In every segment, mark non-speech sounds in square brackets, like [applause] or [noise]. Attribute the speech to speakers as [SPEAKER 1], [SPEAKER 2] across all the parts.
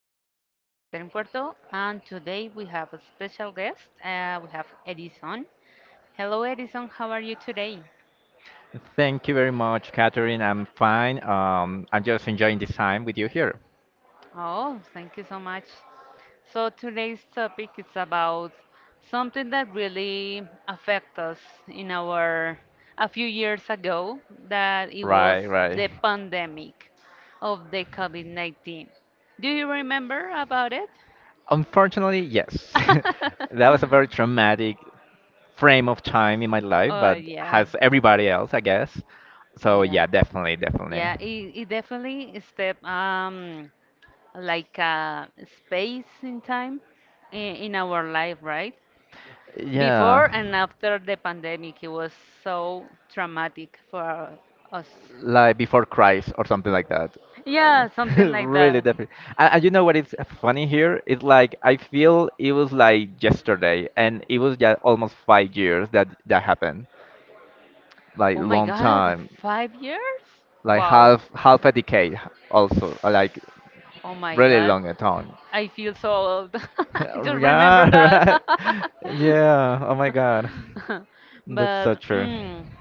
[SPEAKER 1] I'm your host, Catherine Puerto, and today we have a special guest. We have Edison. Hello, Edison, how are you today?
[SPEAKER 2] Thank you very much, Catherine. I'm fine. I'm just enjoying this time with you here.
[SPEAKER 1] Oh, thank you so much. Today's topic is about something that really affected us in our a few years ago, that it
[SPEAKER 2] Right,
[SPEAKER 1] was
[SPEAKER 2] right.
[SPEAKER 1] the pandemic of the COVID 19. Do you remember about it?
[SPEAKER 2] Unfortunately, yes. [laughs] That was a very traumatic frame of time in my life,
[SPEAKER 1] Oh,
[SPEAKER 2] but
[SPEAKER 1] yeah.
[SPEAKER 2] has everybody else, I guess. So
[SPEAKER 1] Yeah,
[SPEAKER 2] yeah, definitely, definitely.
[SPEAKER 1] yeah, it, it definitely is step like a space in time in our life, right? Before
[SPEAKER 2] Yeah.
[SPEAKER 1] and after the pandemic, it was so traumatic for us.
[SPEAKER 2] Like before Christ or something like that.
[SPEAKER 1] Yeah, something
[SPEAKER 2] [laughs]
[SPEAKER 1] like
[SPEAKER 2] Really
[SPEAKER 1] that.
[SPEAKER 2] definitely. And you know what is funny here? It's like I feel it was like yesterday, and it was just almost 5 years that happened. Like
[SPEAKER 1] Oh my
[SPEAKER 2] long
[SPEAKER 1] God,
[SPEAKER 2] time,
[SPEAKER 1] 5 years?
[SPEAKER 2] like
[SPEAKER 1] Wow.
[SPEAKER 2] half a decade also, like
[SPEAKER 1] Oh my
[SPEAKER 2] really
[SPEAKER 1] God,
[SPEAKER 2] long a time.
[SPEAKER 1] I feel so old.
[SPEAKER 2] [laughs]
[SPEAKER 1] [laughs] Just remember
[SPEAKER 2] Yeah,
[SPEAKER 1] that.
[SPEAKER 2] [laughs] right. Yeah. Oh my God,
[SPEAKER 1] [laughs]
[SPEAKER 2] that's
[SPEAKER 1] But.
[SPEAKER 2] so true.
[SPEAKER 1] Mm,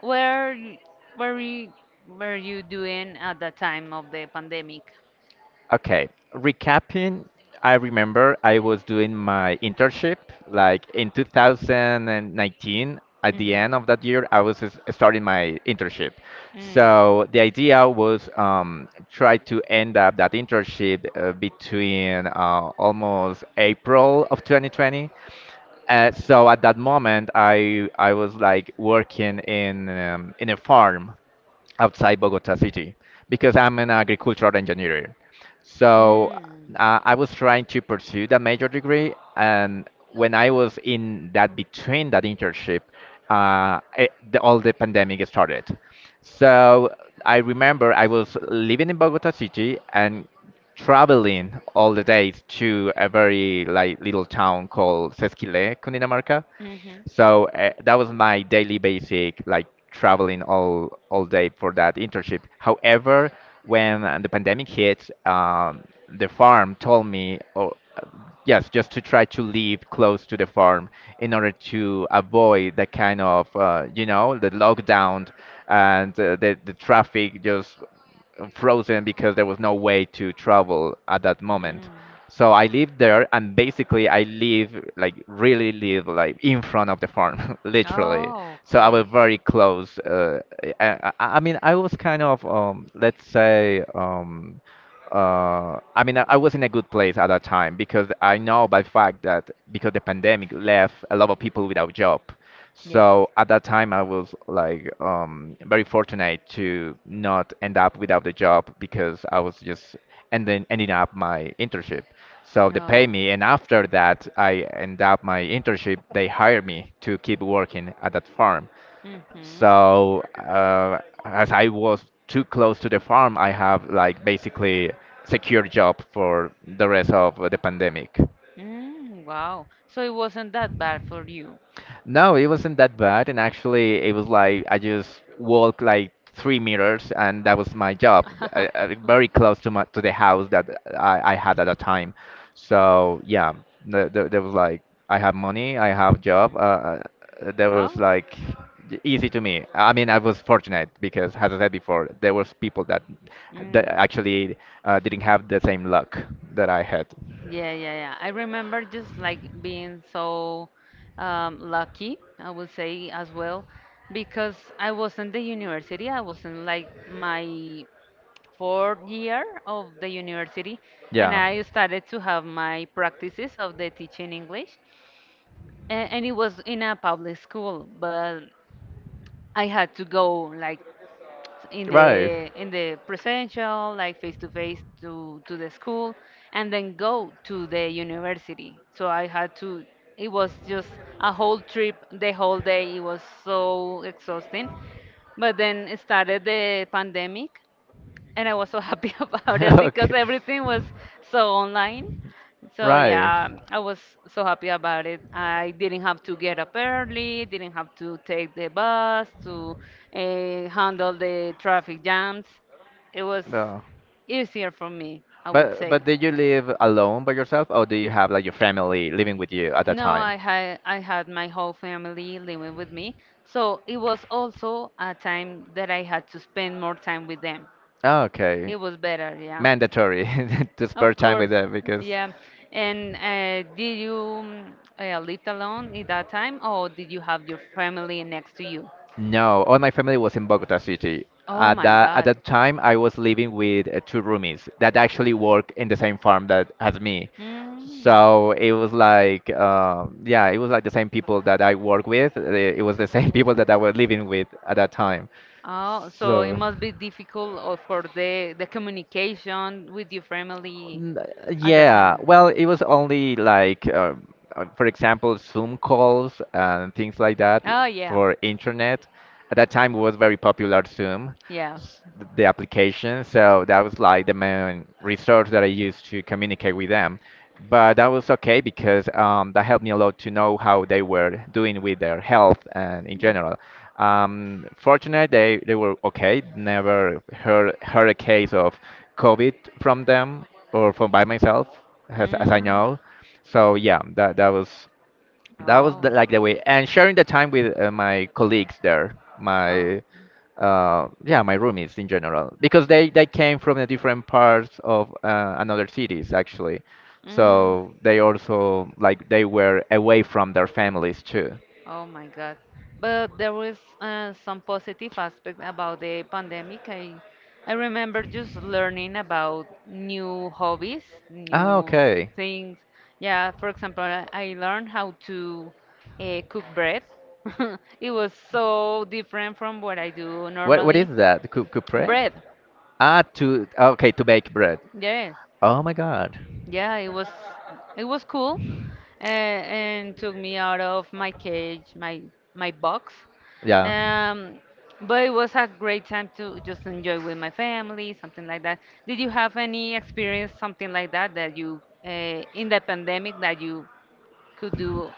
[SPEAKER 1] Where y- were you, were you doing at the time of the pandemic?
[SPEAKER 2] Okay, recapping, I remember I was doing my internship like in 2019. At the
[SPEAKER 1] Mhm.
[SPEAKER 2] end of that year, I was starting my internship.
[SPEAKER 1] Mm.
[SPEAKER 2] So the idea was try to end up that internship between almost April of 2020. So at that moment, I was like working in a farm outside Bogota city because I'm an agricultural engineer. So
[SPEAKER 1] Mm.
[SPEAKER 2] I was trying to pursue that major degree, and when I was in that between that internship, all the pandemic started. So I remember I was living in Bogota city and traveling all the days to a very like little town called Sesquilé, Cundinamarca,
[SPEAKER 1] Mhm.
[SPEAKER 2] so that was my daily basic, like traveling all day for that internship. However, when the pandemic hit, the farm told me, oh, uh, yes, just to try to live close to the farm in order to avoid the kind of, the lockdown and the traffic just frozen because there was no way to travel at that moment.
[SPEAKER 1] Mm.
[SPEAKER 2] So I lived there, and basically I live like really live like in front of the farm, [laughs] literally.
[SPEAKER 1] Oh,
[SPEAKER 2] So I was
[SPEAKER 1] okay.
[SPEAKER 2] very close. I mean, I was kind of let's say I mean, I was in a good place at that time because I know by fact that because the pandemic left a lot of people without job.
[SPEAKER 1] Yes.
[SPEAKER 2] So at that time, I was like very fortunate to not end up without the job because I was just ending up my internship. So they pay
[SPEAKER 1] Oh.
[SPEAKER 2] me, and after that, I end up my internship. They hire me to keep working at that farm.
[SPEAKER 1] Mm-hmm.
[SPEAKER 2] So as I was too close to the farm, I have like basically secure job for the rest of the pandemic.
[SPEAKER 1] Mm, wow. So it wasn't that bad for you.
[SPEAKER 2] No, it wasn't that bad, and actually, it was like I just walked like 3 meters, and that was my job,
[SPEAKER 1] [laughs]
[SPEAKER 2] very close to the house that I had at that time. So yeah, there was like I have money, I have job. That was
[SPEAKER 1] Oh.
[SPEAKER 2] like easy to me. I mean, I was fortunate because, as I said before, there was people that
[SPEAKER 1] Mm.
[SPEAKER 2] actually didn't have the same luck that I had.
[SPEAKER 1] Yeah, yeah, yeah. I remember just like being so lucky, I would say as well, because I was in the university. I was in like my 4th year of the university, and
[SPEAKER 2] Yeah.
[SPEAKER 1] I started to have my practices of the teaching English, and it was in a public school, but I had to go like in the presential like face to face to the school and then go to the university so I had to it was just a whole trip the whole day it was so exhausting but then started the pandemic and I was so happy [laughs] about it
[SPEAKER 2] [laughs] [laughs]
[SPEAKER 1] because everything was so online. So
[SPEAKER 2] So
[SPEAKER 1] yeah, I was so happy about it. I didn't have to get up early, didn't have to take the bus to handle the traffic jams. It was
[SPEAKER 2] No.
[SPEAKER 1] easier for me, I would
[SPEAKER 2] But
[SPEAKER 1] say.
[SPEAKER 2] did you live alone by yourself, or do you have like your family living with you at that
[SPEAKER 1] No,
[SPEAKER 2] time?
[SPEAKER 1] I had my whole family living with me, so it was also a time that I had to spend more time with them.
[SPEAKER 2] Oh, okay.
[SPEAKER 1] It was better, yeah.
[SPEAKER 2] Mandatory [laughs] to spare
[SPEAKER 1] Of
[SPEAKER 2] time with
[SPEAKER 1] course,
[SPEAKER 2] them because
[SPEAKER 1] yeah. And lived alone at that time, or did you have your family next to you?
[SPEAKER 2] no, all my family was in Bogota City.
[SPEAKER 1] Oh
[SPEAKER 2] At
[SPEAKER 1] my
[SPEAKER 2] that at
[SPEAKER 1] God.
[SPEAKER 2] that time, I was living with two roomies that actually work in the same farm that as me.
[SPEAKER 1] Mm.
[SPEAKER 2] So it was like, yeah, it was like the same people that I work with. It was the same [laughs] people that I was living with at that time.
[SPEAKER 1] Oh, so it
[SPEAKER 2] So.
[SPEAKER 1] must be difficult for the communication with your family
[SPEAKER 2] N-
[SPEAKER 1] at that
[SPEAKER 2] Yeah,
[SPEAKER 1] time.
[SPEAKER 2] well, it was only like, for example, Zoom calls and things like that
[SPEAKER 1] Oh yeah,
[SPEAKER 2] for internet. At that time, it was very popular Zoom,
[SPEAKER 1] yeah.
[SPEAKER 2] the application. So that was like the main resource that I used to communicate with them. But that was okay because that helped me a lot to know how they were doing with their health and in
[SPEAKER 1] Mm.
[SPEAKER 2] general. Fortunately, they were okay. Never heard a case of COVID from them or from by myself as I
[SPEAKER 1] Mm.
[SPEAKER 2] know. So yeah, that was
[SPEAKER 1] Oh,
[SPEAKER 2] the, like the way and sharing the time with my colleagues there,
[SPEAKER 1] oh.
[SPEAKER 2] my roomies in general because they came from the different parts of another cities actually.
[SPEAKER 1] Mm.
[SPEAKER 2] So they also like they were away from their families too.
[SPEAKER 1] Oh my God. But there was some positive aspect about the pandemic. I remember just learning about new hobbies,
[SPEAKER 2] Ah,
[SPEAKER 1] new
[SPEAKER 2] okay.
[SPEAKER 1] things. Yeah, for example, I learned how to cook bread. [laughs] It was so different from what I do
[SPEAKER 2] What
[SPEAKER 1] normally.
[SPEAKER 2] is that? Coupre?
[SPEAKER 1] Bread,
[SPEAKER 2] Ah, to okay, to bake bread.
[SPEAKER 1] yes.
[SPEAKER 2] Oh my God.
[SPEAKER 1] Yeah, it was cool, and took me out of my cage, my box.
[SPEAKER 2] Yeah.
[SPEAKER 1] Um, but it was a great time to just enjoy with my family, something like that. Did you have any experience, something like that, that you in the pandemic that you could do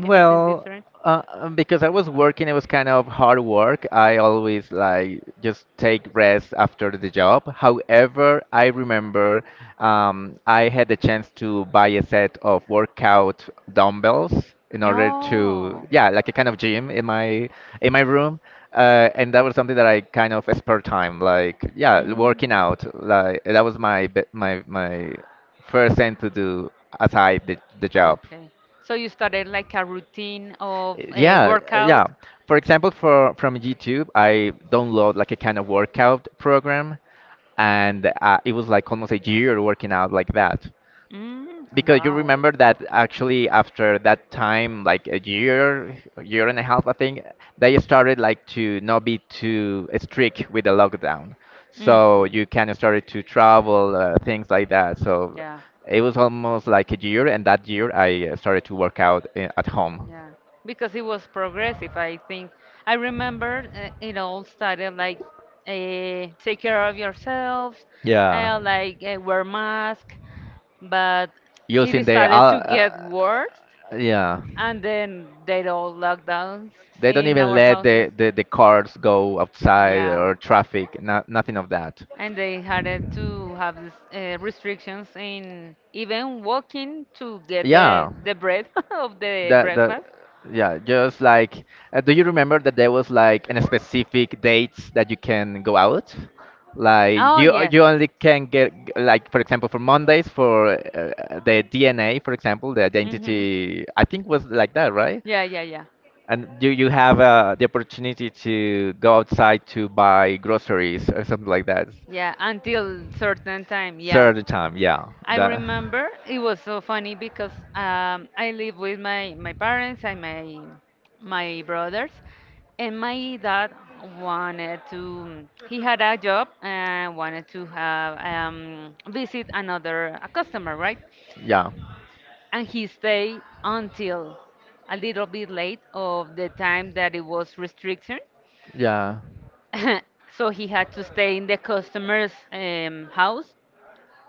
[SPEAKER 1] anything different?
[SPEAKER 2] because I was working, it was kind of hard work. I always like just take rest after the job. However, I remember I had the chance to buy a set of workout dumbbells in order to,
[SPEAKER 1] No.
[SPEAKER 2] yeah, like a kind of gym in my room. And that was something that I kind of spare time, like yeah,
[SPEAKER 1] Mm.
[SPEAKER 2] working out. Like that was my my first thing to do aside the job.
[SPEAKER 1] Okay. So you started like a routine of a
[SPEAKER 2] Yeah, yeah.
[SPEAKER 1] workout.
[SPEAKER 2] For example, for from YouTube, I download like a kind of workout program, and it was like almost a year working out like that.
[SPEAKER 1] Mm,
[SPEAKER 2] Because you
[SPEAKER 1] wow.
[SPEAKER 2] remember that actually after that time, like a year and a half, I think, they started like to not be too strict with the lockdown. So
[SPEAKER 1] Hmm.
[SPEAKER 2] you kind of started to travel, things like that. So
[SPEAKER 1] Yeah,
[SPEAKER 2] it was almost like a year, and that year I started to work out at home.
[SPEAKER 1] yeah. Because it was progressive, I think. I remember it all started like take care of yourself,
[SPEAKER 2] Yeah.
[SPEAKER 1] wear mask, but
[SPEAKER 2] Using
[SPEAKER 1] it
[SPEAKER 2] the
[SPEAKER 1] started to get worse
[SPEAKER 2] yeah,
[SPEAKER 1] and then they all lockdowns
[SPEAKER 2] they don't
[SPEAKER 1] in
[SPEAKER 2] even
[SPEAKER 1] our
[SPEAKER 2] let
[SPEAKER 1] houses
[SPEAKER 2] the cars go outside
[SPEAKER 1] yeah
[SPEAKER 2] or traffic. Not nothing of that.
[SPEAKER 1] and they had it to have this restrictions in even walking to get the
[SPEAKER 2] Yeah.
[SPEAKER 1] the bread [laughs] of the
[SPEAKER 2] That the
[SPEAKER 1] breakfast
[SPEAKER 2] yeah, just like do you remember that there was like an specific dates that you can go out? Like
[SPEAKER 1] oh
[SPEAKER 2] you uh,
[SPEAKER 1] yes
[SPEAKER 2] you only can get like for example for Mondays for the DNA for example the
[SPEAKER 1] hmm
[SPEAKER 2] identity I think was like that, right?
[SPEAKER 1] yeah yeah yeah.
[SPEAKER 2] And do you have the opportunity to go outside to buy groceries or something like that?
[SPEAKER 1] Yeah, until certain time. Yeah.
[SPEAKER 2] Third time, yeah.
[SPEAKER 1] I
[SPEAKER 2] That.
[SPEAKER 1] remember it was so funny because I live with my parents and my brothers, and my dad wanted to. He had a job and wanted to have visit another a customer, right?
[SPEAKER 2] Yeah,
[SPEAKER 1] And he stayed until a little bit late of the time that it was restriction,
[SPEAKER 2] yeah.
[SPEAKER 1] [laughs] so he had to stay in the customer's house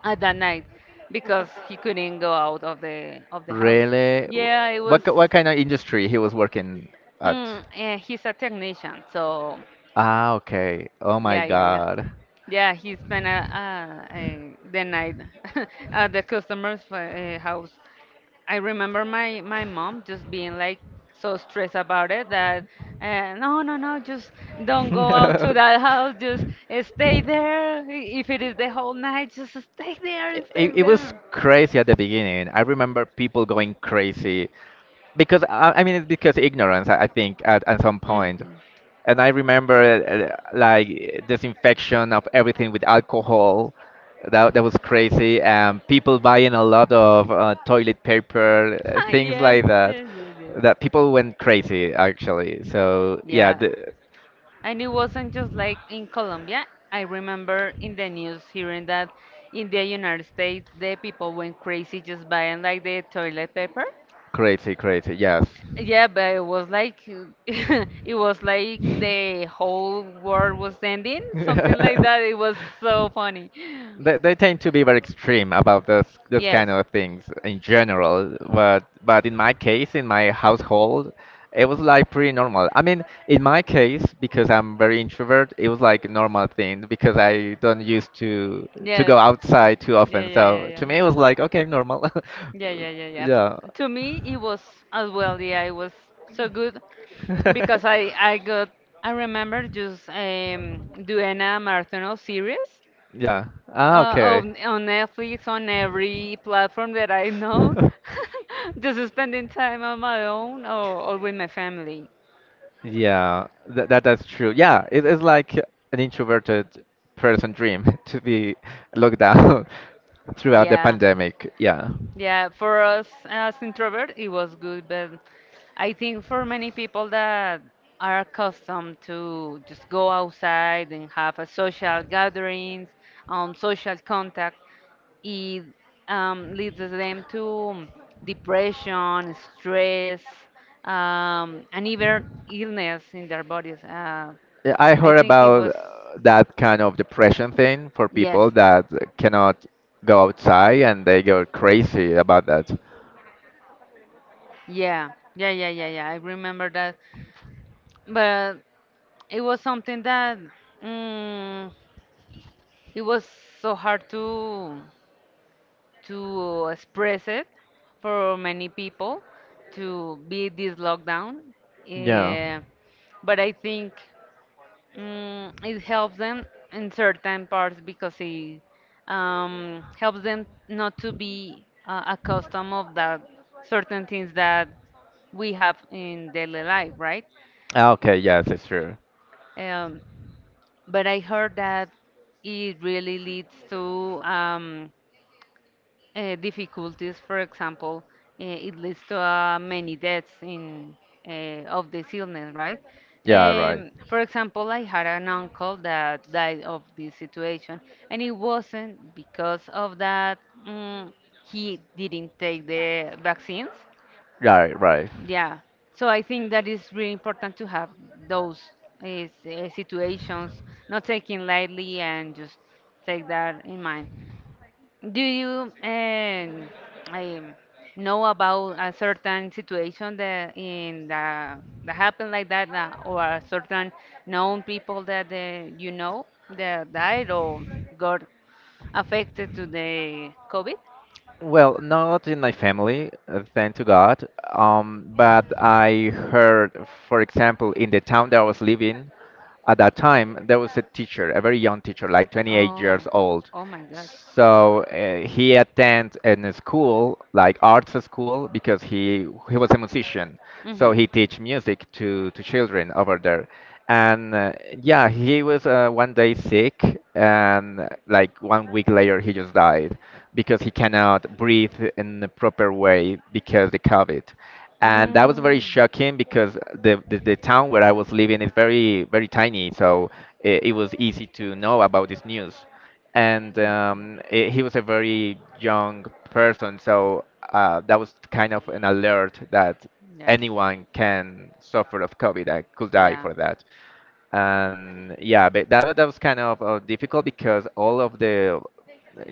[SPEAKER 1] at that night because he couldn't go out of the house.
[SPEAKER 2] Really? W-
[SPEAKER 1] Yeah, it was.
[SPEAKER 2] What ki- what kind of industry he was working at?
[SPEAKER 1] He's a technician, so
[SPEAKER 2] Ah, okay. Oh my
[SPEAKER 1] yeah, yeah, yeah,
[SPEAKER 2] God.
[SPEAKER 1] yeah. He spent the night [laughs] at the customer's house. I remember my mom just being like so stressed about it that no, no, no, just don't
[SPEAKER 2] [laughs]
[SPEAKER 1] go out to
[SPEAKER 2] it,
[SPEAKER 1] that house. Just stay there. I- If it is the whole night, just stay there, stay
[SPEAKER 2] it was
[SPEAKER 1] there.
[SPEAKER 2] crazy at the beginning. I remember people going crazy because I mean it's because ignorance. I think at some point,
[SPEAKER 1] Hmm.
[SPEAKER 2] and I remember like disinfection of everything with alcohol. That that was crazy. People buying a lot of toilet paper,
[SPEAKER 1] [laughs]
[SPEAKER 2] things
[SPEAKER 1] Yes,
[SPEAKER 2] like that.
[SPEAKER 1] yes, yes, yes.
[SPEAKER 2] That people went crazy actually. So yeah,
[SPEAKER 1] Yeah. And it wasn't just like in Colombia. I remember in the news hearing that in the United States, the people went crazy just buying like the toilet paper.
[SPEAKER 2] crazy, crazy, yes.
[SPEAKER 1] Yeah, but it was like [laughs] it
[SPEAKER 2] [laughs]
[SPEAKER 1] was like the whole world was ending, something like
[SPEAKER 2] that,
[SPEAKER 1] that. It was
[SPEAKER 2] [laughs]
[SPEAKER 1] so funny.
[SPEAKER 2] they tend to be very extreme about this
[SPEAKER 1] Yes,
[SPEAKER 2] kind of things in general, but in my case, in my household, it was like pretty normal. I mean, in my case, because I'm very introvert, it was like a normal thing because I don't used to
[SPEAKER 1] yes.
[SPEAKER 2] go outside too often.
[SPEAKER 1] Yeah,
[SPEAKER 2] Yeah,
[SPEAKER 1] yeah, yeah,
[SPEAKER 2] so to me,
[SPEAKER 1] yeah.
[SPEAKER 2] it was like okay, normal. [laughs] Yeah,
[SPEAKER 1] Yeah,
[SPEAKER 2] yeah,
[SPEAKER 1] yeah, yeah, yeah.
[SPEAKER 2] yeah.
[SPEAKER 1] F
[SPEAKER 2] Yeah.
[SPEAKER 1] to
[SPEAKER 2] Yeah.
[SPEAKER 1] me, it was as well. Yeah, it was so good because
[SPEAKER 2] [laughs]
[SPEAKER 1] I got I remember just doing a marathon series
[SPEAKER 2] Yeah. Ah, okay.
[SPEAKER 1] on Netflix on every platform that I know,
[SPEAKER 2] [laughs]
[SPEAKER 1] [laughs] just spending time on my own or with my family.
[SPEAKER 2] Yeah, that's true. Yeah, it is like an introverted person dream [laughs] to be locked down [laughs] throughout the
[SPEAKER 1] Yeah.
[SPEAKER 2] pandemic. Yeah.
[SPEAKER 1] Yeah, for us as introvert, it was good, but I think for many people that are accustomed to just go outside and have a social gatherings, social contact, it leads them to depression, stress, and even illness in their bodies.
[SPEAKER 2] Yeah, I
[SPEAKER 1] I
[SPEAKER 2] heard
[SPEAKER 1] think it was,
[SPEAKER 2] about that kind of depression thing for
[SPEAKER 1] yes,
[SPEAKER 2] people that cannot go outside and they go crazy about that.
[SPEAKER 1] yeah, yeah, yeah, yeah, yeah. I remember that. But it was something that mm, it was so hard to express it for many people to be this lockdown.
[SPEAKER 2] Yeah.
[SPEAKER 1] Yeah, but I think it helps them in certain parts because it helps them not to be accustomed of that certain things that we have in daily life, right?
[SPEAKER 2] Ah, okay, yes, it's true.
[SPEAKER 1] Um. But I heard that it really leads to difficulties. For example, it leads to many deaths in of this illness, right?
[SPEAKER 2] Yeah, right.
[SPEAKER 1] For example, I had an uncle that died of this situation, and it wasn't because of that mm, he didn't take the vaccines.
[SPEAKER 2] Right, right.
[SPEAKER 1] Yeah. So I think that is really important to have those is, situations, not taking lightly and just take that in mind. Do you um, know about a certain situation that in the that happened like that, or a certain known people that you know that died or got affected to the COVID?
[SPEAKER 2] Well, not in my family, thank to God. But I heard, for example, in the town that I was living at that time, there was a teacher, a very young teacher, like 28 years old.
[SPEAKER 1] Oh my God.
[SPEAKER 2] So he attends in a school, like arts school, because he was a musician. So he teach music to children over there. And yeah, he was one day sick, and like one week later, he just died because he cannot breathe in the proper way because the COVID. And that was very shocking because the town where I was living is very, very tiny, so it was easy to know about this news. And he was a very young person, so that was kind of an alert that anyone can suffer of COVID and could die for that. And yeah, but that was kind of difficult because all of the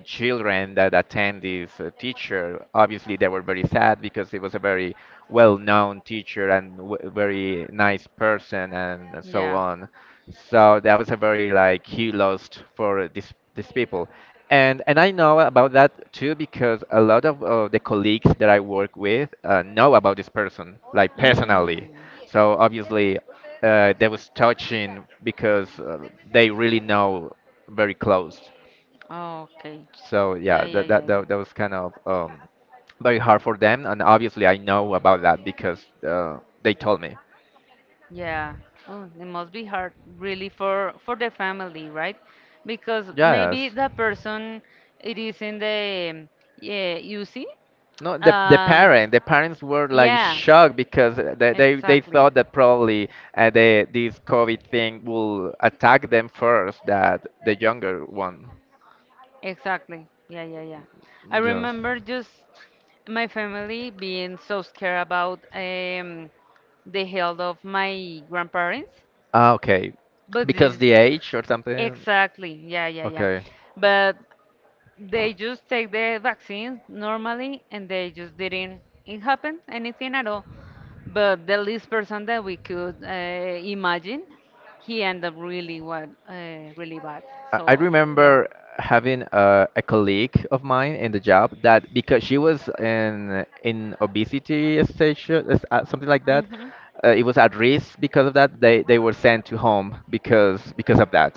[SPEAKER 2] children that attend this teacher obviously they were very sad because it was a very well-known teacher and very nice person and so on. So that was a very like he lost for this these people, and I know about that too because a lot of the colleagues that I work with know about this person like personally, so obviously that was touching because they really know very close.
[SPEAKER 1] Okay.
[SPEAKER 2] So yeah, that was kind of very hard for them, and obviously I know about that because they told me.
[SPEAKER 1] Yeah, ooh, it must be hard, really, for the family, right? Because
[SPEAKER 2] Yes.
[SPEAKER 1] maybe the person it is in the yeah, you see,
[SPEAKER 2] No, the the
[SPEAKER 1] um,
[SPEAKER 2] parent, the parents were like
[SPEAKER 1] yeah,
[SPEAKER 2] shocked because they
[SPEAKER 1] exactly.
[SPEAKER 2] thought that probably the this COVID thing will attack them first, that the younger one.
[SPEAKER 1] Exactly. Yeah, yeah, yeah. I
[SPEAKER 2] Yes.
[SPEAKER 1] remember just my family being so scared about the health of my grandparents,
[SPEAKER 2] Ah, okay.
[SPEAKER 1] but
[SPEAKER 2] Because
[SPEAKER 1] this
[SPEAKER 2] the age or something.
[SPEAKER 1] exactly. Yeah, yeah, yeah.
[SPEAKER 2] Okay.
[SPEAKER 1] But they just take the vaccine normally, and they just didn't it happen anything at all. But the least person that we could imagine, he ended up really what really bad.
[SPEAKER 2] I
[SPEAKER 1] So yeah
[SPEAKER 2] remember having a colleague of mine in the job that because she was in obesity stage, something like that,
[SPEAKER 1] hmm.
[SPEAKER 2] it was at risk because of that. They were sent to home because of that.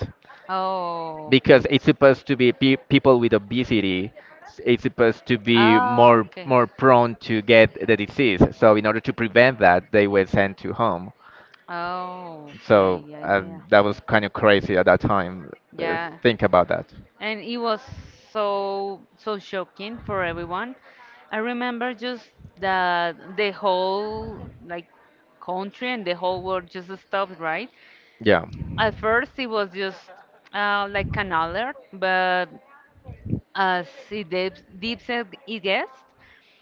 [SPEAKER 1] Oh,
[SPEAKER 2] Because
[SPEAKER 1] okay.
[SPEAKER 2] it's supposed to be pe people with obesity, it's supposed to be
[SPEAKER 1] Ah,
[SPEAKER 2] more
[SPEAKER 1] okay.
[SPEAKER 2] more prone to get the disease. So in order to prevent that, they were sent to home.
[SPEAKER 1] Oh, okay.
[SPEAKER 2] So
[SPEAKER 1] Yeah, yeah,
[SPEAKER 2] um,
[SPEAKER 1] yeah.
[SPEAKER 2] that was kind of crazy at that time. uh,
[SPEAKER 1] Yeah.
[SPEAKER 2] Think about that.
[SPEAKER 1] And it was so so shocking for everyone. I remember just that the whole like country and the whole world just stopped, right?
[SPEAKER 2] Yeah,
[SPEAKER 1] At first, it was just like an alert, but as it deep, deep said it gets,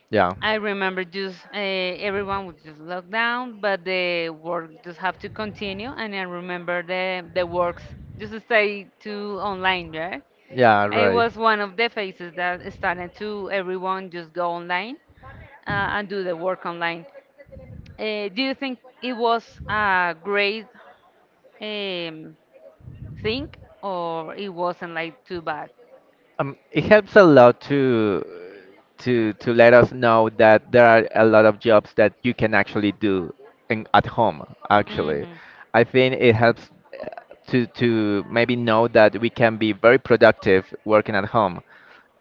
[SPEAKER 2] yeah.
[SPEAKER 1] I remember just everyone was just locked down, but the work just have to continue. And I remember the works just stay to online, right?
[SPEAKER 2] Yeah,
[SPEAKER 1] It
[SPEAKER 2] right.
[SPEAKER 1] was one of the phases that started to everyone just go online uh, and do the work online. Do you think it was a great um, think or it wasn't like too bad.
[SPEAKER 2] It helps a lot to to let us know that there are a lot of jobs that you can actually do in, at home, actually.
[SPEAKER 1] Hmm.
[SPEAKER 2] I think it helps uh, to maybe know that we can be very productive working at home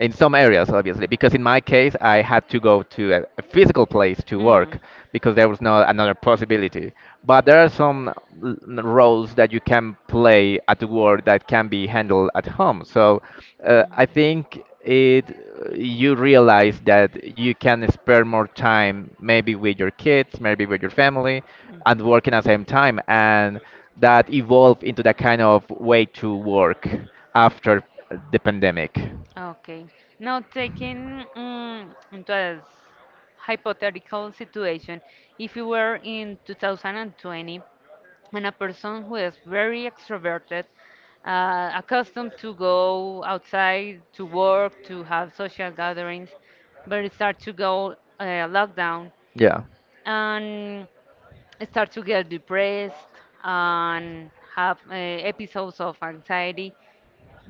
[SPEAKER 2] in some areas, obviously, because in my case I had to go to a physical place to
[SPEAKER 1] Hmm.
[SPEAKER 2] work because there was no another possibility, but there are some roles that you can play at work that can be handled at home. So I think it, you realize that you can spare more time maybe with your kids, maybe with your family, and working at the same time. And that evolved into that kind of way to work after the pandemic.
[SPEAKER 1] Okay. Now, taking into a hypothetical situation, if you were in 2020 and a person who is very extroverted, accustomed to go outside to work, to have social gatherings, but it starts to go lockdown,
[SPEAKER 2] Yeah.
[SPEAKER 1] and start to get depressed and have episodes of anxiety.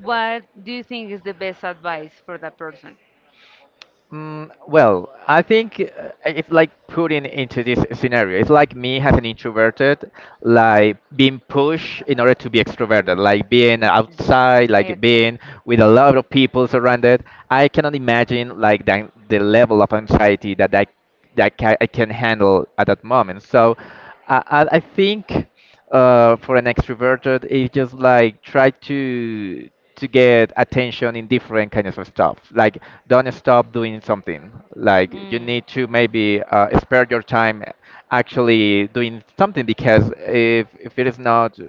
[SPEAKER 1] What do you think is the best advice for that person?
[SPEAKER 2] Mm, well, I think if like put in into this scenario, it's like me as an introverted, like being pushed in order to be extroverted, like being
[SPEAKER 1] Mhm.
[SPEAKER 2] outside, like
[SPEAKER 1] Exactly.
[SPEAKER 2] being with a lot of people surrounded. I cannot imagine like the level of anxiety that I can handle at that moment. So I think for an extroverted, it just like try to get attention in different kinds of stuff. Like don't stop doing something. Like you need to maybe spare your time actually doing something, because if it is not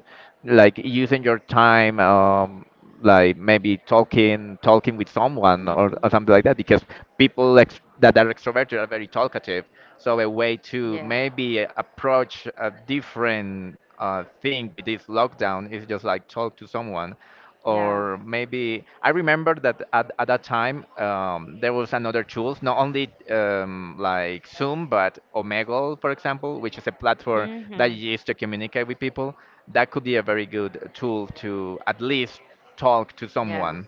[SPEAKER 2] like using your time. Like maybe talking with someone, or something like that, because that are extroverted are very talkative, so a way to maybe approach a different thing with this lockdown is just like talk to someone.
[SPEAKER 1] Yeah.
[SPEAKER 2] Or maybe I remember that at that time, there was another tools, not only like Zoom but Omegle, for example, which is a platform that
[SPEAKER 1] Mhm.
[SPEAKER 2] you use to communicate with people, that could be a very good tool to at least talk to
[SPEAKER 1] Yeah.
[SPEAKER 2] someone.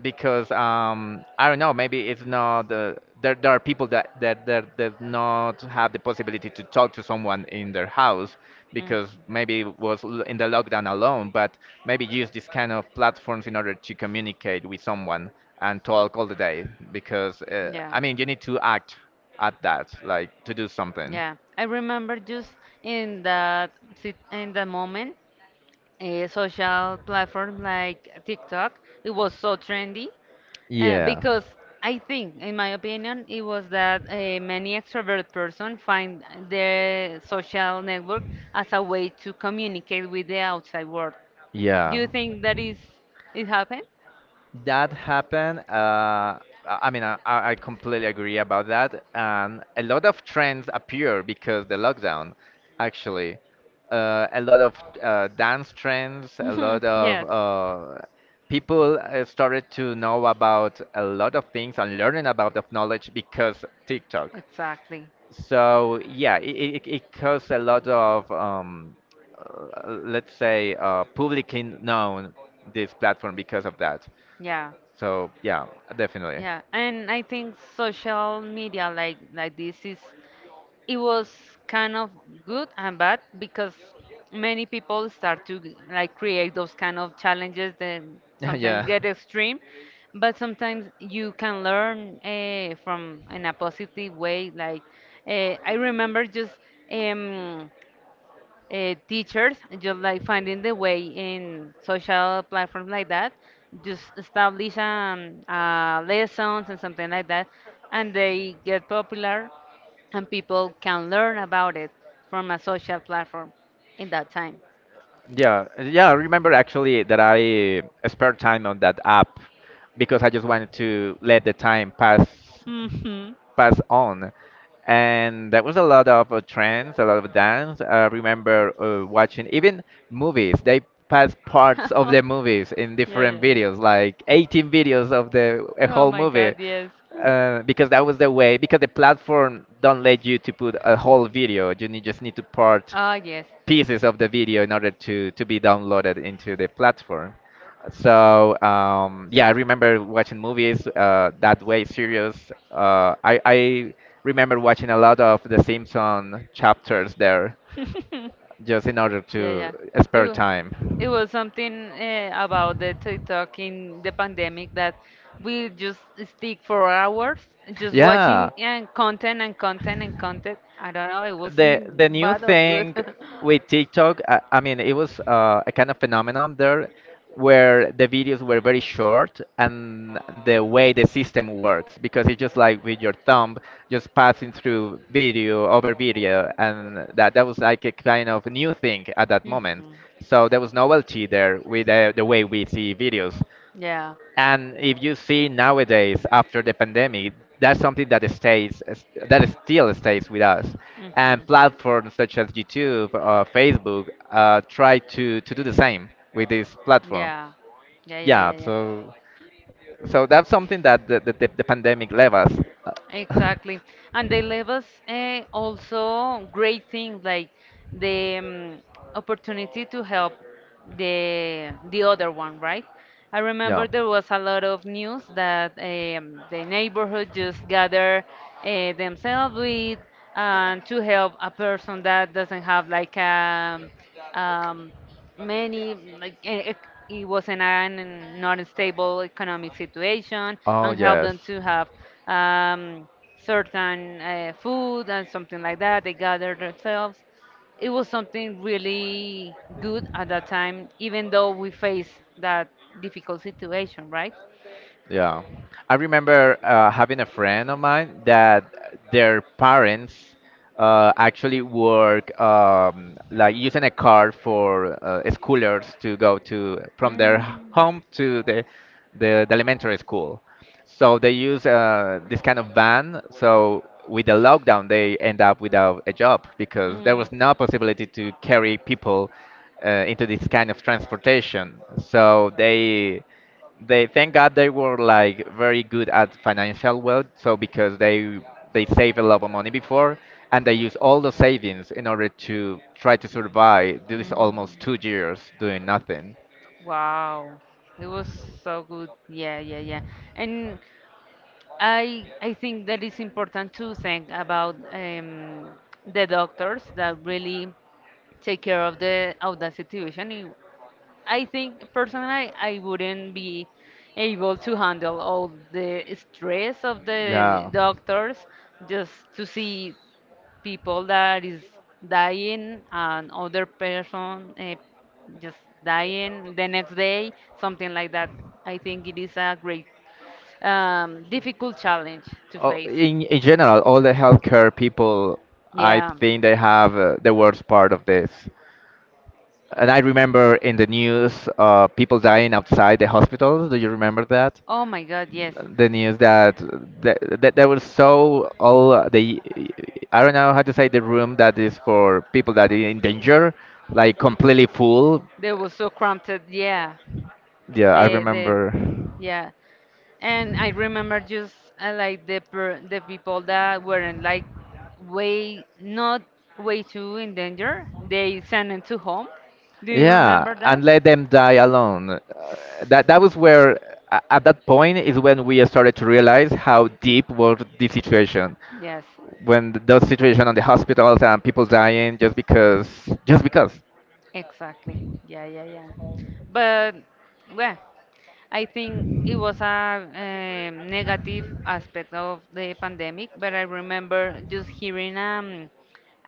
[SPEAKER 2] Because I don't know, maybe it's not. There are people that not have the possibility to talk to someone in their house,
[SPEAKER 1] Mhm.
[SPEAKER 2] because maybe it was in the lockdown alone. But maybe use this kind of platforms in order to communicate with someone and talk all the day, because
[SPEAKER 1] Yeah.
[SPEAKER 2] I mean, you need to act at that, like to do something.
[SPEAKER 1] Yeah, I remember just in that in that moment, a social platform like TikTok. It was so trendy
[SPEAKER 2] Yeah.
[SPEAKER 1] because I think, in my opinion, it was that many extrovert person find their social network as a way to communicate with the outside world.
[SPEAKER 2] Do
[SPEAKER 1] Do you think that is it happened?
[SPEAKER 2] that happened. I mean, I, I
[SPEAKER 1] [laughs]
[SPEAKER 2] I completely agree about that. And a lot of trends appear because the lockdown, actually. A lot of dance trends, a lot of
[SPEAKER 1] [laughs]
[SPEAKER 2] people started to know about a lot of things and learning about the knowledge because TikTok.
[SPEAKER 1] Exactly.
[SPEAKER 2] So it caused a lot of let's say publicly known this platform because of that.
[SPEAKER 1] Yeah. So,
[SPEAKER 2] So yeah, definitely. [laughs]
[SPEAKER 1] yeah. And I think social media like this is it was kind of good and bad because many people start to like create those kind of challenges that sometimes
[SPEAKER 2] Yeah.
[SPEAKER 1] get extreme but sometimes you can learn from in a positive way like I remember just um, teachers just like finding the way in social platforms like that just establish lessons and something like that and they get popular and people can learn about it from a social platform in that time
[SPEAKER 2] Yeah, I remember actually that I spent time on that app because I just wanted to let the time pass
[SPEAKER 1] hmm
[SPEAKER 2] Pass on. And there was a lot of trends, a lot of dance. I remember watching even movies. They pass parts of the
[SPEAKER 1] [laughs]
[SPEAKER 2] movies in
[SPEAKER 1] yeah,
[SPEAKER 2] different
[SPEAKER 1] yeah, yeah.
[SPEAKER 2] videos, like 18 videos of the a
[SPEAKER 1] Oh
[SPEAKER 2] whole
[SPEAKER 1] my God,
[SPEAKER 2] movie.
[SPEAKER 1] yes.
[SPEAKER 2] Because that was the way, because the platform don't let you to put a whole video. You need, just need to part
[SPEAKER 1] Ah, yes.
[SPEAKER 2] pieces of the video in order to be downloaded into the platform. So yeah, I remember watching movies that way. Serious. I remember watching a lot of the Simpson chapters there,
[SPEAKER 1] [laughs]
[SPEAKER 2] just in order
[SPEAKER 1] Yeah,
[SPEAKER 2] to
[SPEAKER 1] yeah. It
[SPEAKER 2] spare
[SPEAKER 1] was,
[SPEAKER 2] time.
[SPEAKER 1] it was something about the TikTok in the pandemic that we just stick for hours just watching
[SPEAKER 2] Yeah.
[SPEAKER 1] and content and content and content. I don't know, it was
[SPEAKER 2] The
[SPEAKER 1] in
[SPEAKER 2] new
[SPEAKER 1] bad or good.
[SPEAKER 2] thing with TikTok, I mean, it was a kind of phenomenon there, where the videos were very short and the way the system works, because it's just like with your thumb just passing through video over video. And that
[SPEAKER 1] [laughs]
[SPEAKER 2] was like a kind of new thing at that moment,
[SPEAKER 1] Mhm.
[SPEAKER 2] so there was novelty there with the way we see videos.
[SPEAKER 1] Yeah.
[SPEAKER 2] And if you see nowadays, after the pandemic, that's something that stays, that still stays with us. And
[SPEAKER 1] Mhm.
[SPEAKER 2] platforms such as YouTube or Facebook try to do the same with this platform.
[SPEAKER 1] Yeah. Yeah,
[SPEAKER 2] Yeah,
[SPEAKER 1] yeah, yeah,
[SPEAKER 2] so so that's something that the,
[SPEAKER 1] yeah.
[SPEAKER 2] the, the the pandemic left us.
[SPEAKER 1] Exactly. And they leave us also great things like the opportunity to help the other one, right? I remember there was a lot of news that the neighborhood just
[SPEAKER 2] [laughs] Yeah.
[SPEAKER 1] gather themselves with and to help a person that doesn't have like a um, many like it was in an not stable economic situation
[SPEAKER 2] Oh,
[SPEAKER 1] and help
[SPEAKER 2] yes.
[SPEAKER 1] them to have um, certain food and something like that. They gathered themselves. It was something really good at that time, even though we faced that difficult situation, right?
[SPEAKER 2] Yeah. I remember having a friend of mine that their parents actually work, like using a car for schoolers to go to from their home to the elementary school. So they use this kind of van. So with the lockdown, they end up without a job because there
[SPEAKER 1] Mm.
[SPEAKER 2] was no possibility to carry people into this kind of transportation. So they thank God they were like very good at financial wealth. So because they save a lot of money before, and they use all the savings in order to try to survive these almost 2 years doing nothing.
[SPEAKER 1] Wow. It was so good. Yeah, yeah, yeah. And I think that it's important to think about the doctors that really take care of the situation. You— I think personally I wouldn't be able to handle all the stress of the
[SPEAKER 2] Yeah.
[SPEAKER 1] doctors just to see people that is dying and other person just dying the next day, something like that. I think it is a great, difficult challenge to
[SPEAKER 2] Oh,
[SPEAKER 1] face.
[SPEAKER 2] in general, all the healthcare people, I
[SPEAKER 1] Yeah.
[SPEAKER 2] think they have the worst part of this. And I remember in the news, people dying outside the hospitals. Do you remember that?
[SPEAKER 1] Oh my God, yes.
[SPEAKER 2] The news that that there was so all the, I don't know how to say, the room that is for people that are in danger, like completely full.
[SPEAKER 1] They were so cramped. Yeah.
[SPEAKER 2] Yeah, I
[SPEAKER 1] They, they,
[SPEAKER 2] remember.
[SPEAKER 1] yeah. And I remember just like the people that weren't like way not way too in danger. They sent them to home. Do you
[SPEAKER 2] Yeah,
[SPEAKER 1] remember that?
[SPEAKER 2] and let them die alone. That was where at that point is when we started to realize how deep was the situation.
[SPEAKER 1] Yes,
[SPEAKER 2] When those situation on the hospitals and people dying just because just because.
[SPEAKER 1] exactly. Yeah, yeah, yeah. But well, I think it was a negative aspect of the pandemic. But I remember just hearing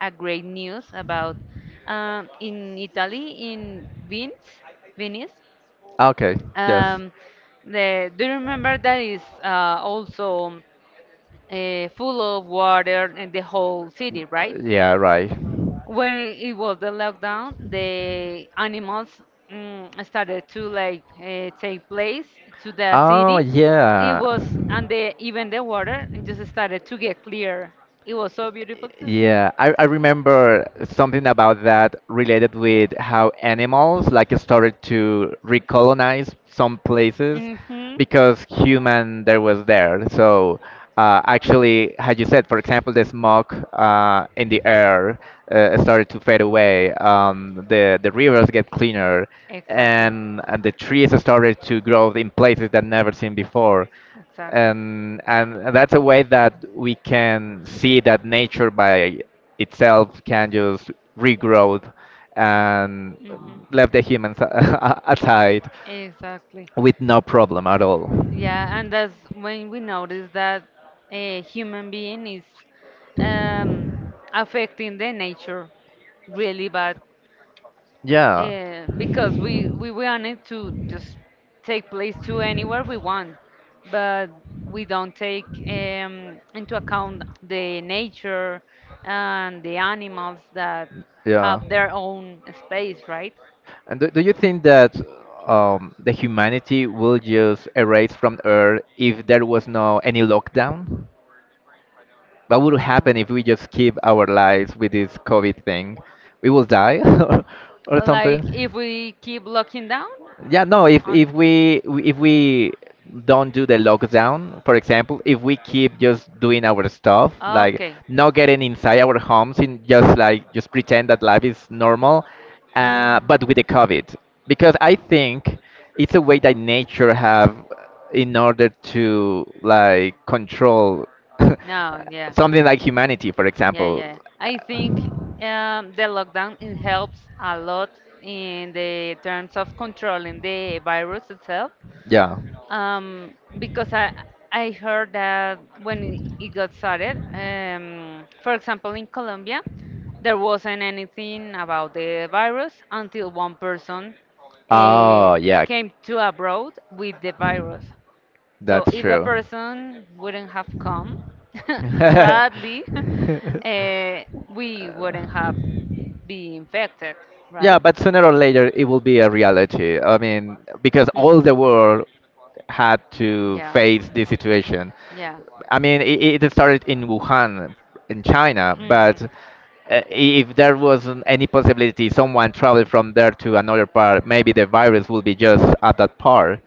[SPEAKER 1] a great news about in Italy in Venice, Venice.
[SPEAKER 2] Okay. Yes.
[SPEAKER 1] Um, the, do you remember that is also full of water in the whole city, right?
[SPEAKER 2] Yeah, right.
[SPEAKER 1] When it was the lockdown, the animals started to like take place to the
[SPEAKER 2] Oh
[SPEAKER 1] city. It
[SPEAKER 2] yeah.
[SPEAKER 1] was, and the even the water just started to get clear. It was so beautiful to see.
[SPEAKER 2] Yeah, I remember something about that related with how animals like started to recolonize some places
[SPEAKER 1] Hmm.
[SPEAKER 2] because human there was there. So actually, had you said, for example, the smoke in the air started to fade away, the rivers get cleaner,
[SPEAKER 1] Exactly.
[SPEAKER 2] and the trees started to grow in places that never seen before.
[SPEAKER 1] Exactly.
[SPEAKER 2] And that's a way that we can see that nature by itself can just regrow and
[SPEAKER 1] Hmm.
[SPEAKER 2] left the humans [laughs] aside
[SPEAKER 1] Exactly.
[SPEAKER 2] with no problem at all.
[SPEAKER 1] Yeah, and that's when we notice that a human being is um, affecting the nature really bad
[SPEAKER 2] Yeah.
[SPEAKER 1] because we want it to just take place to anywhere we want, but we don't take into account the nature and the animals that
[SPEAKER 2] Yeah.
[SPEAKER 1] have their own space, right?
[SPEAKER 2] And do, do you think that the humanity will just erase from Earth if there was no any lockdown? What would
[SPEAKER 1] Uh,
[SPEAKER 2] happen if we just keep our lives with this COVID thing? We will die [laughs] or
[SPEAKER 1] like
[SPEAKER 2] something?
[SPEAKER 1] if we keep locking down
[SPEAKER 2] Yeah, no,
[SPEAKER 1] on.
[SPEAKER 2] if we, if we don't do the lockdown, for example, if we keep just doing our stuff, like
[SPEAKER 1] Okay.
[SPEAKER 2] not getting inside our homes and just like just pretend that life is normal,
[SPEAKER 1] Mm.
[SPEAKER 2] but with the COVID, because I think it's a way that nature have in order to like control
[SPEAKER 1] No,
[SPEAKER 2] [laughs]
[SPEAKER 1] yeah.
[SPEAKER 2] something like humanity, for
[SPEAKER 1] Yeah,
[SPEAKER 2] example.
[SPEAKER 1] yeah. I think the lockdown it helps a lot in the terms of controlling the virus itself
[SPEAKER 2] Yeah.
[SPEAKER 1] because I heard that when it got started, for example, in Colombia, there wasn't anything about the virus until one person uh,
[SPEAKER 2] Oh, yeah.
[SPEAKER 1] came to abroad with the virus. So
[SPEAKER 2] That's
[SPEAKER 1] if the
[SPEAKER 2] true.
[SPEAKER 1] person wouldn't have come, [laughs] sadly, [laughs] uh, we wouldn't have been
[SPEAKER 2] [laughs]
[SPEAKER 1] infected, right?
[SPEAKER 2] Yeah, but sooner or later it will be a reality. I mean, because all the
[SPEAKER 1] Mhm.
[SPEAKER 2] world had to
[SPEAKER 1] Yeah,
[SPEAKER 2] face this situation.
[SPEAKER 1] yeah.
[SPEAKER 2] I mean, it started in Wuhan, in China, but
[SPEAKER 1] Mhm.
[SPEAKER 2] if there wasn't any possibility someone traveled from there to another part, maybe the virus will be just at that part.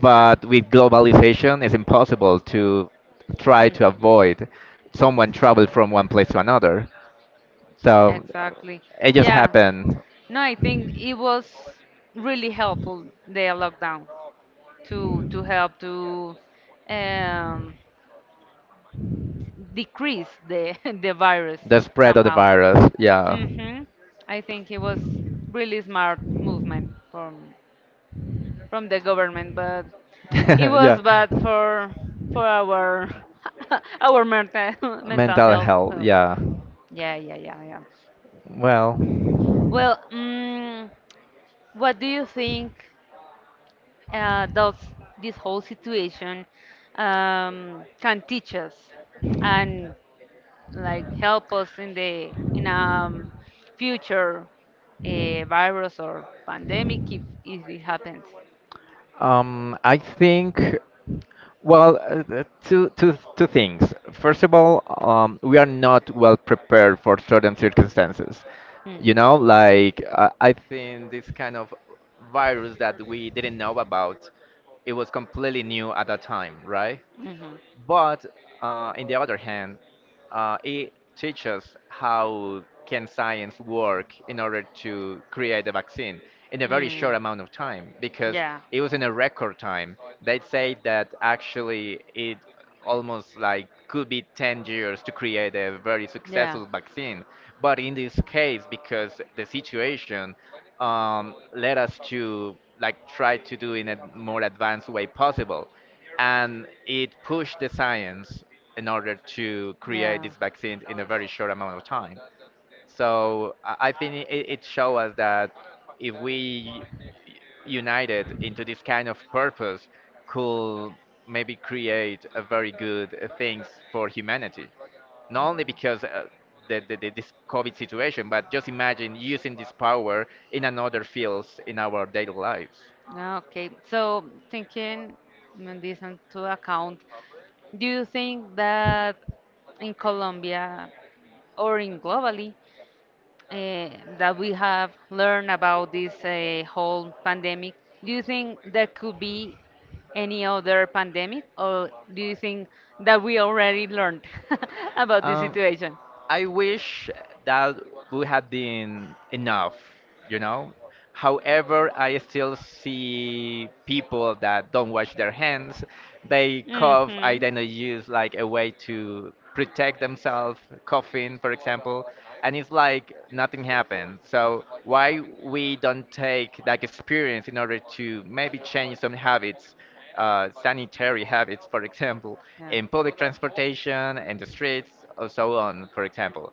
[SPEAKER 2] But with globalization, it's impossible to try to
[SPEAKER 1] Mm.
[SPEAKER 2] avoid someone travel from one place to another. So
[SPEAKER 1] Exactly.
[SPEAKER 2] it just
[SPEAKER 1] Yeah.
[SPEAKER 2] happened.
[SPEAKER 1] No, I think it was really helpful the lockdown to help to um, decrease the [laughs] the virus
[SPEAKER 2] The spread of the
[SPEAKER 1] somehow.
[SPEAKER 2] virus. Yeah.
[SPEAKER 1] Hmm. I think it was really smart movement from the government, but it
[SPEAKER 2] [laughs] Yeah.
[SPEAKER 1] was bad for our [laughs] our mental [laughs] mental
[SPEAKER 2] Mental
[SPEAKER 1] health.
[SPEAKER 2] health.
[SPEAKER 1] Health.
[SPEAKER 2] Yeah.
[SPEAKER 1] Yeah, yeah, yeah, yeah.
[SPEAKER 2] Well.
[SPEAKER 1] Well, mm, what do you think does this whole situation can teach us and like help us in the in future virus or pandemic if it happens?
[SPEAKER 2] I think, well, two things. First of all, we are not well prepared for certain circumstances. You
[SPEAKER 1] Mhm.
[SPEAKER 2] know, like I think this kind of virus that we didn't know about, it was completely new at that time, right?
[SPEAKER 1] Hmm.
[SPEAKER 2] But in the other hand, it teaches how can science work in order to create a vaccine in a very short amount of time, because it was in a record time. They say that actually it almost like could be 10 years to create a very
[SPEAKER 1] Yeah.
[SPEAKER 2] successful vaccine. But in this case, because the situation led us to like try to do in a more advanced way possible, and it pushed the science in order to create this vaccine in a very short amount of time. So I think it, it shows us that if we united into this kind of purpose, could maybe create a very good things for humanity. Not only because this COVID situation, but just imagine using this power in another fields in our daily lives.
[SPEAKER 1] Ah, okay, so taking mm, this into account, do you think that in Colombia or in globally uh, that we have learned about this whole pandemic, do you think there could be any other pandemic, or do you think that we already learned [laughs] about this
[SPEAKER 2] Um,
[SPEAKER 1] situation?
[SPEAKER 2] I wish that would have been enough, you know. However, I still see people that don't wash their hands. They cough. I then use like a way to protect themselves, coughing, for example, and it's like nothing happened. So why we don't take that experience in order to maybe change some habits? Sanitary habits, for example,
[SPEAKER 1] Yeah.
[SPEAKER 2] in public transportation, in the streets, or so on, for example.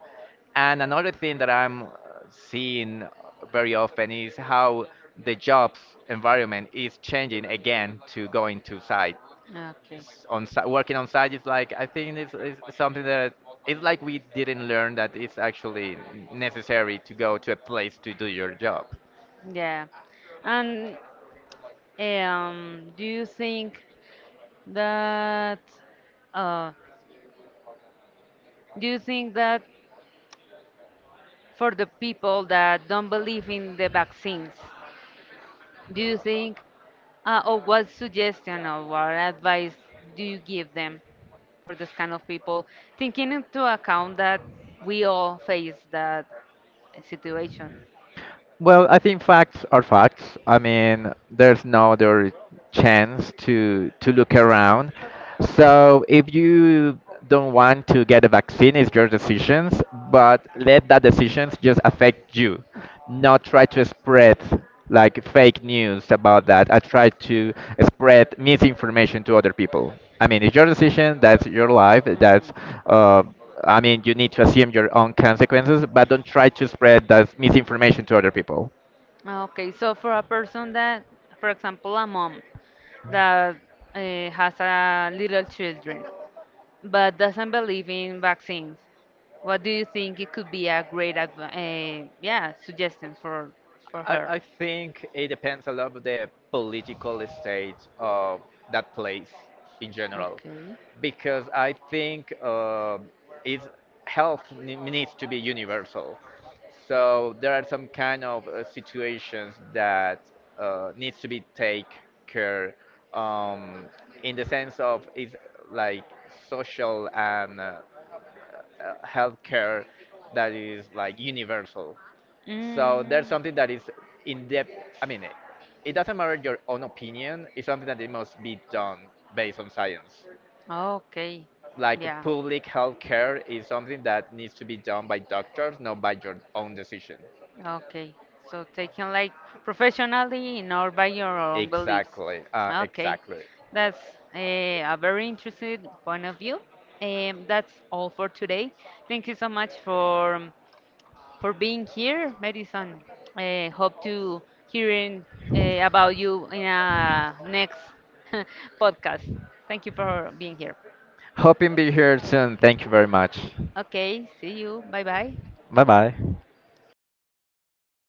[SPEAKER 2] And another thing that I'm seeing very often is how the jobs environment is changing again to going to site.
[SPEAKER 1] Okay.
[SPEAKER 2] On working on site is like, I think it's something that it's like we didn't learn that it's actually necessary to go to a place to do your job.
[SPEAKER 1] Yeah. And do you think that uh, do you think that for the people that don't believe in the vaccines? Do you think, or what suggestion or what advice do you give them for this kind of people, taking into account that we all face that situation?
[SPEAKER 2] Well, I think facts are facts. I mean, there's no other chance to look around. So if you don't want to get a vaccine, it's your decisions, but let that decisions just affect you. Not try to spread like fake news about that. I try to spread misinformation to other people. I mean, it's your decision. That's your life. That's
[SPEAKER 1] Mhm.
[SPEAKER 2] uh, I mean, you need to assume your own consequences, but don't try to spread that misinformation to other people.
[SPEAKER 1] Okay, so for a person that, for example, a mom that has a little children but doesn't believe in vaccines, what do you think it could be a great yeah suggestion for
[SPEAKER 2] I,
[SPEAKER 1] her?
[SPEAKER 2] I think it depends a lot of the political state of that place in general,
[SPEAKER 1] Okay.
[SPEAKER 2] because I think is health needs to be universal. So there are some kind of situations that needs to be take care, um, in the sense of is like social and healthcare that is like universal. So there's something that is in depth. I mean, it doesn't matter your own opinion. It's something that it must be done based on science.
[SPEAKER 1] Okay.
[SPEAKER 2] Like
[SPEAKER 1] Yeah.
[SPEAKER 2] public health care is something that needs to be done by doctors, not by your own decision.
[SPEAKER 1] Okay. So taken like professionally nor by your own beliefs.
[SPEAKER 2] Exactly.
[SPEAKER 1] Okay.
[SPEAKER 2] Exactly.
[SPEAKER 1] That's a very interesting point of view. That's all for today. Thank you so much for being here, Madison. Hope to hearing about you in a next [laughs] podcast. Thank you for being here.
[SPEAKER 2] Hoping be here soon. Thank you very much.
[SPEAKER 1] Okay, see you. Bye bye.
[SPEAKER 2] Bye bye.